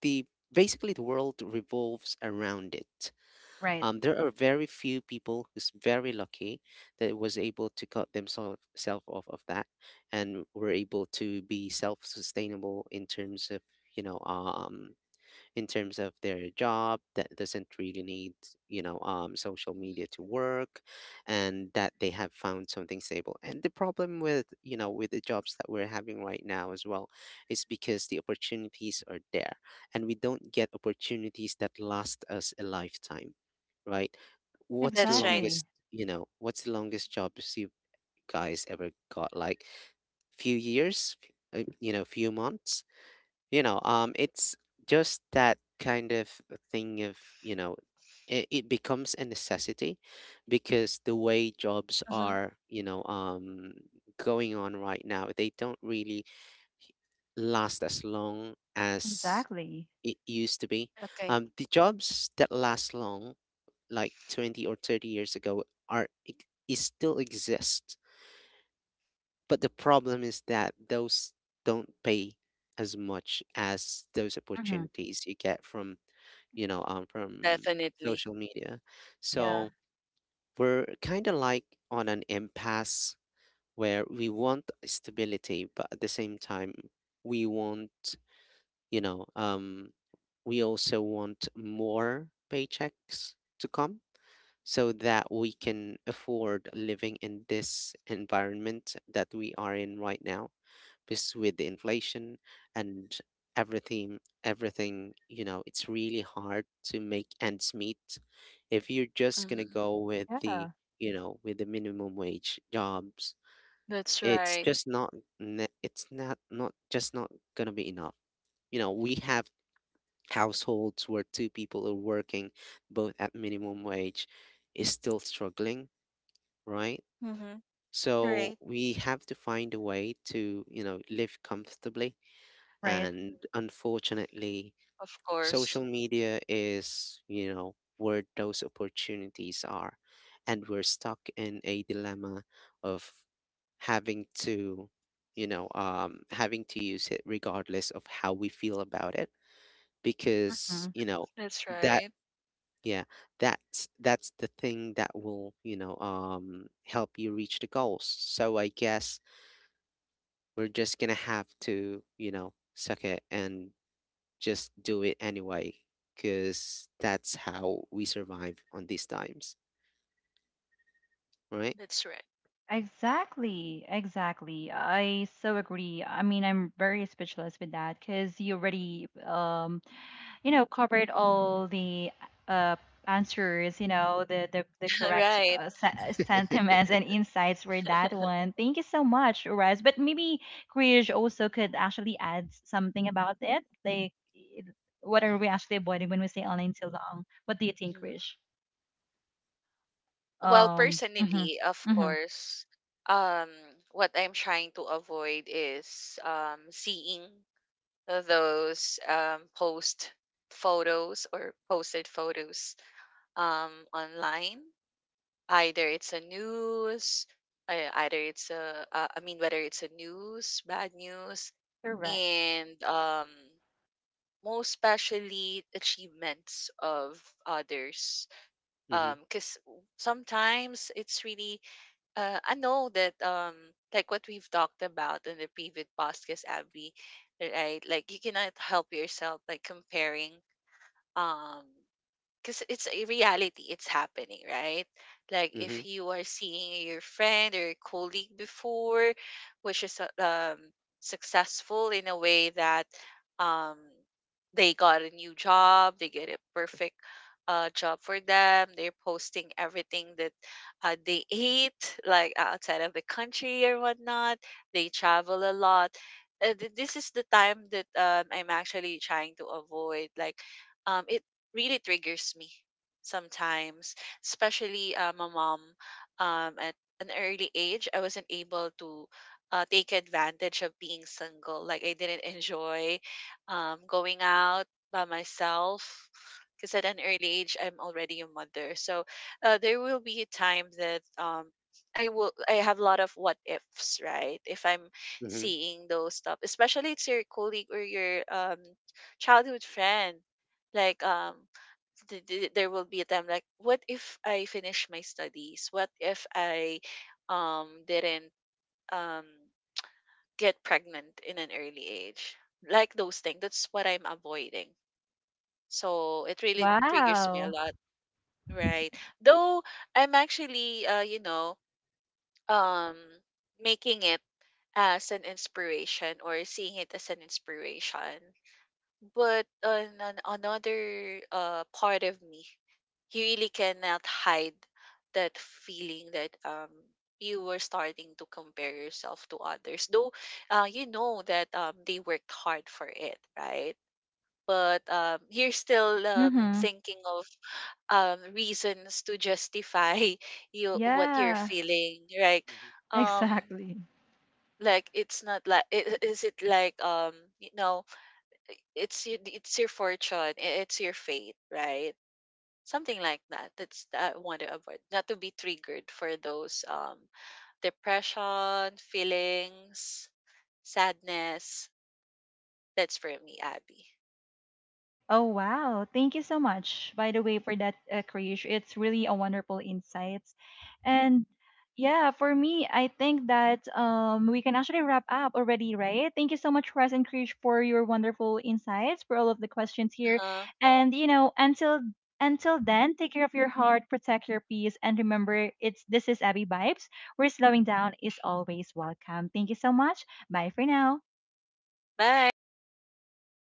the basically the world revolves around it.
Right.
There are very few people who's very lucky that was able to cut themselves off of that and were able to be self-sustainable in terms of, you know, um, in terms of their job that doesn't really need, social
Mhm.
media to work. And that they have found something stable, and the problem with, with the jobs that we're having right now as well, is because the opportunities are there, and we don't get opportunities that last us a lifetime, right? What's the
That's right.
Exactly.
longest, what's the longest jobs you guys ever got? Like, few years, few months. It's just that kind of thing of, it, it becomes a necessity because the way jobs
hmm
are, going on right now, they don't really last as long as
Exactly.
it used to be.
Okay,
Um, the jobs that last long like 20 or 30 years ago is still exist, but the problem is that those don't pay as much as those
Mm-hmm.
opportunities you get from, from
definitely.
social media.
Yeah.
So we're kind of like on an impasse where we want stability, but at the same time, we want, you know, um, we also want more paychecks to come so that we can afford living in this environment that we are in right now. Because with the inflation and everything, everything, it's really hard to make ends meet if you're just going to
Hmm
go with the,
Yeah.
with the minimum wage jobs.
That's
It's
right.
just not it's not not just not going to be enough. We have households where two people are working, both at minimum wage, is still struggling, right?
hmm
So
Right.
we have to find a way to, live comfortably.
Right.
And unfortunately,
Of
social
course.
media is, where those opportunities are. And we're stuck in a dilemma of having to, having to use it regardless of how we feel about it. Because,
That's
that,
right.
yeah, that's the thing that will, help you reach the goals. So I guess we're just gonna have to, suck it and just do it anyway because that's how we survive on these times, right?
That's right.
Exactly, exactly. I so agree. I mean, I'm very speechless with that because you already, you know, covered all the uh answers. You know, the correct
right.
sentiments and insights for that one. Thank you so much, Rez. But maybe Krish also could actually add something about it. Like, what are we actually avoiding when we say online too long? What do you
Yeah.
think, Krish?
Well,
Hmm
personally, of
hmm
course, um, what I'm trying to avoid is seeing those post photos or posted photos online. Either it's a news, either it's a, I mean, whether it's a news, bad news,
Correct.
and most especially achievements of others.
Mm-hmm.
Because sometimes it's really, I know that like what we've talked about in the previous podcast, Abby, right? Like you cannot help yourself like comparing um because it's a reality, it's happening, right. Like
Mm-hmm.
if you are seeing your friend or your colleague before, which is successful in a way that um they got a new job, they get a perfect job for them, they're posting everything that they ate, like outside of the country or whatnot, they travel a lot. Uh, th- This is the time that I'm actually trying to avoid. Like it really triggers me sometimes, especially my mom. At an early age, I wasn't able to take advantage of being single. Like I didn't enjoy going out by myself because at an early age, I'm already a mother. So there will be a time that I will, I have a lot of what ifs, right? If I'm
Mm-hmm.
seeing those stuff, especially it's your colleague or your childhood friend, like there will be a time like what if I finish my studies, what if I didn't um get pregnant in an early age. Like those things, that's what I'm avoiding, so it really triggers me a
Wow.
lot, right. Though I'm actually, um making it as an inspiration or seeing it as an inspiration. But on another part of me, you really cannot hide that feeling that you were starting to compare yourself to others. Though you know that they worked hard for it, right? But you're still
Mm-hmm.
thinking of reasons to justify you what you're
Yeah,
feeling, right?
Mm-hmm.
Um
exactly.
like it's not like is it like you know it's it's your
Right, right,
fortune,
right.
it's
Eh,
your
I
fate, right?
totally could
Something
agree
like
with
Mm-hmm.
that.
that,
That's that I want to
Krish,
avoid, not to be
right?
triggered for
That's
those
Maybe
totally true. And
depression,
sometimes you
feelings,
just need to
sadness. That's for
basically
me, Abby.
Oh
um
wow, thank you so
what
much
you
by the
call
way
it
for that Krish. It's really a wonderful insights. And yeah, for me, I think that we can actually wrap up already, right? Thank you so much Russ and Krish for your wonderful insights, for all of the questions here.
Uh-huh.
And you know, until then, take care of your heart, protect your peace, and remember it's this is Abby Vibes, where slowing down is always welcome. Thank you so much. Bye for now.
Bye.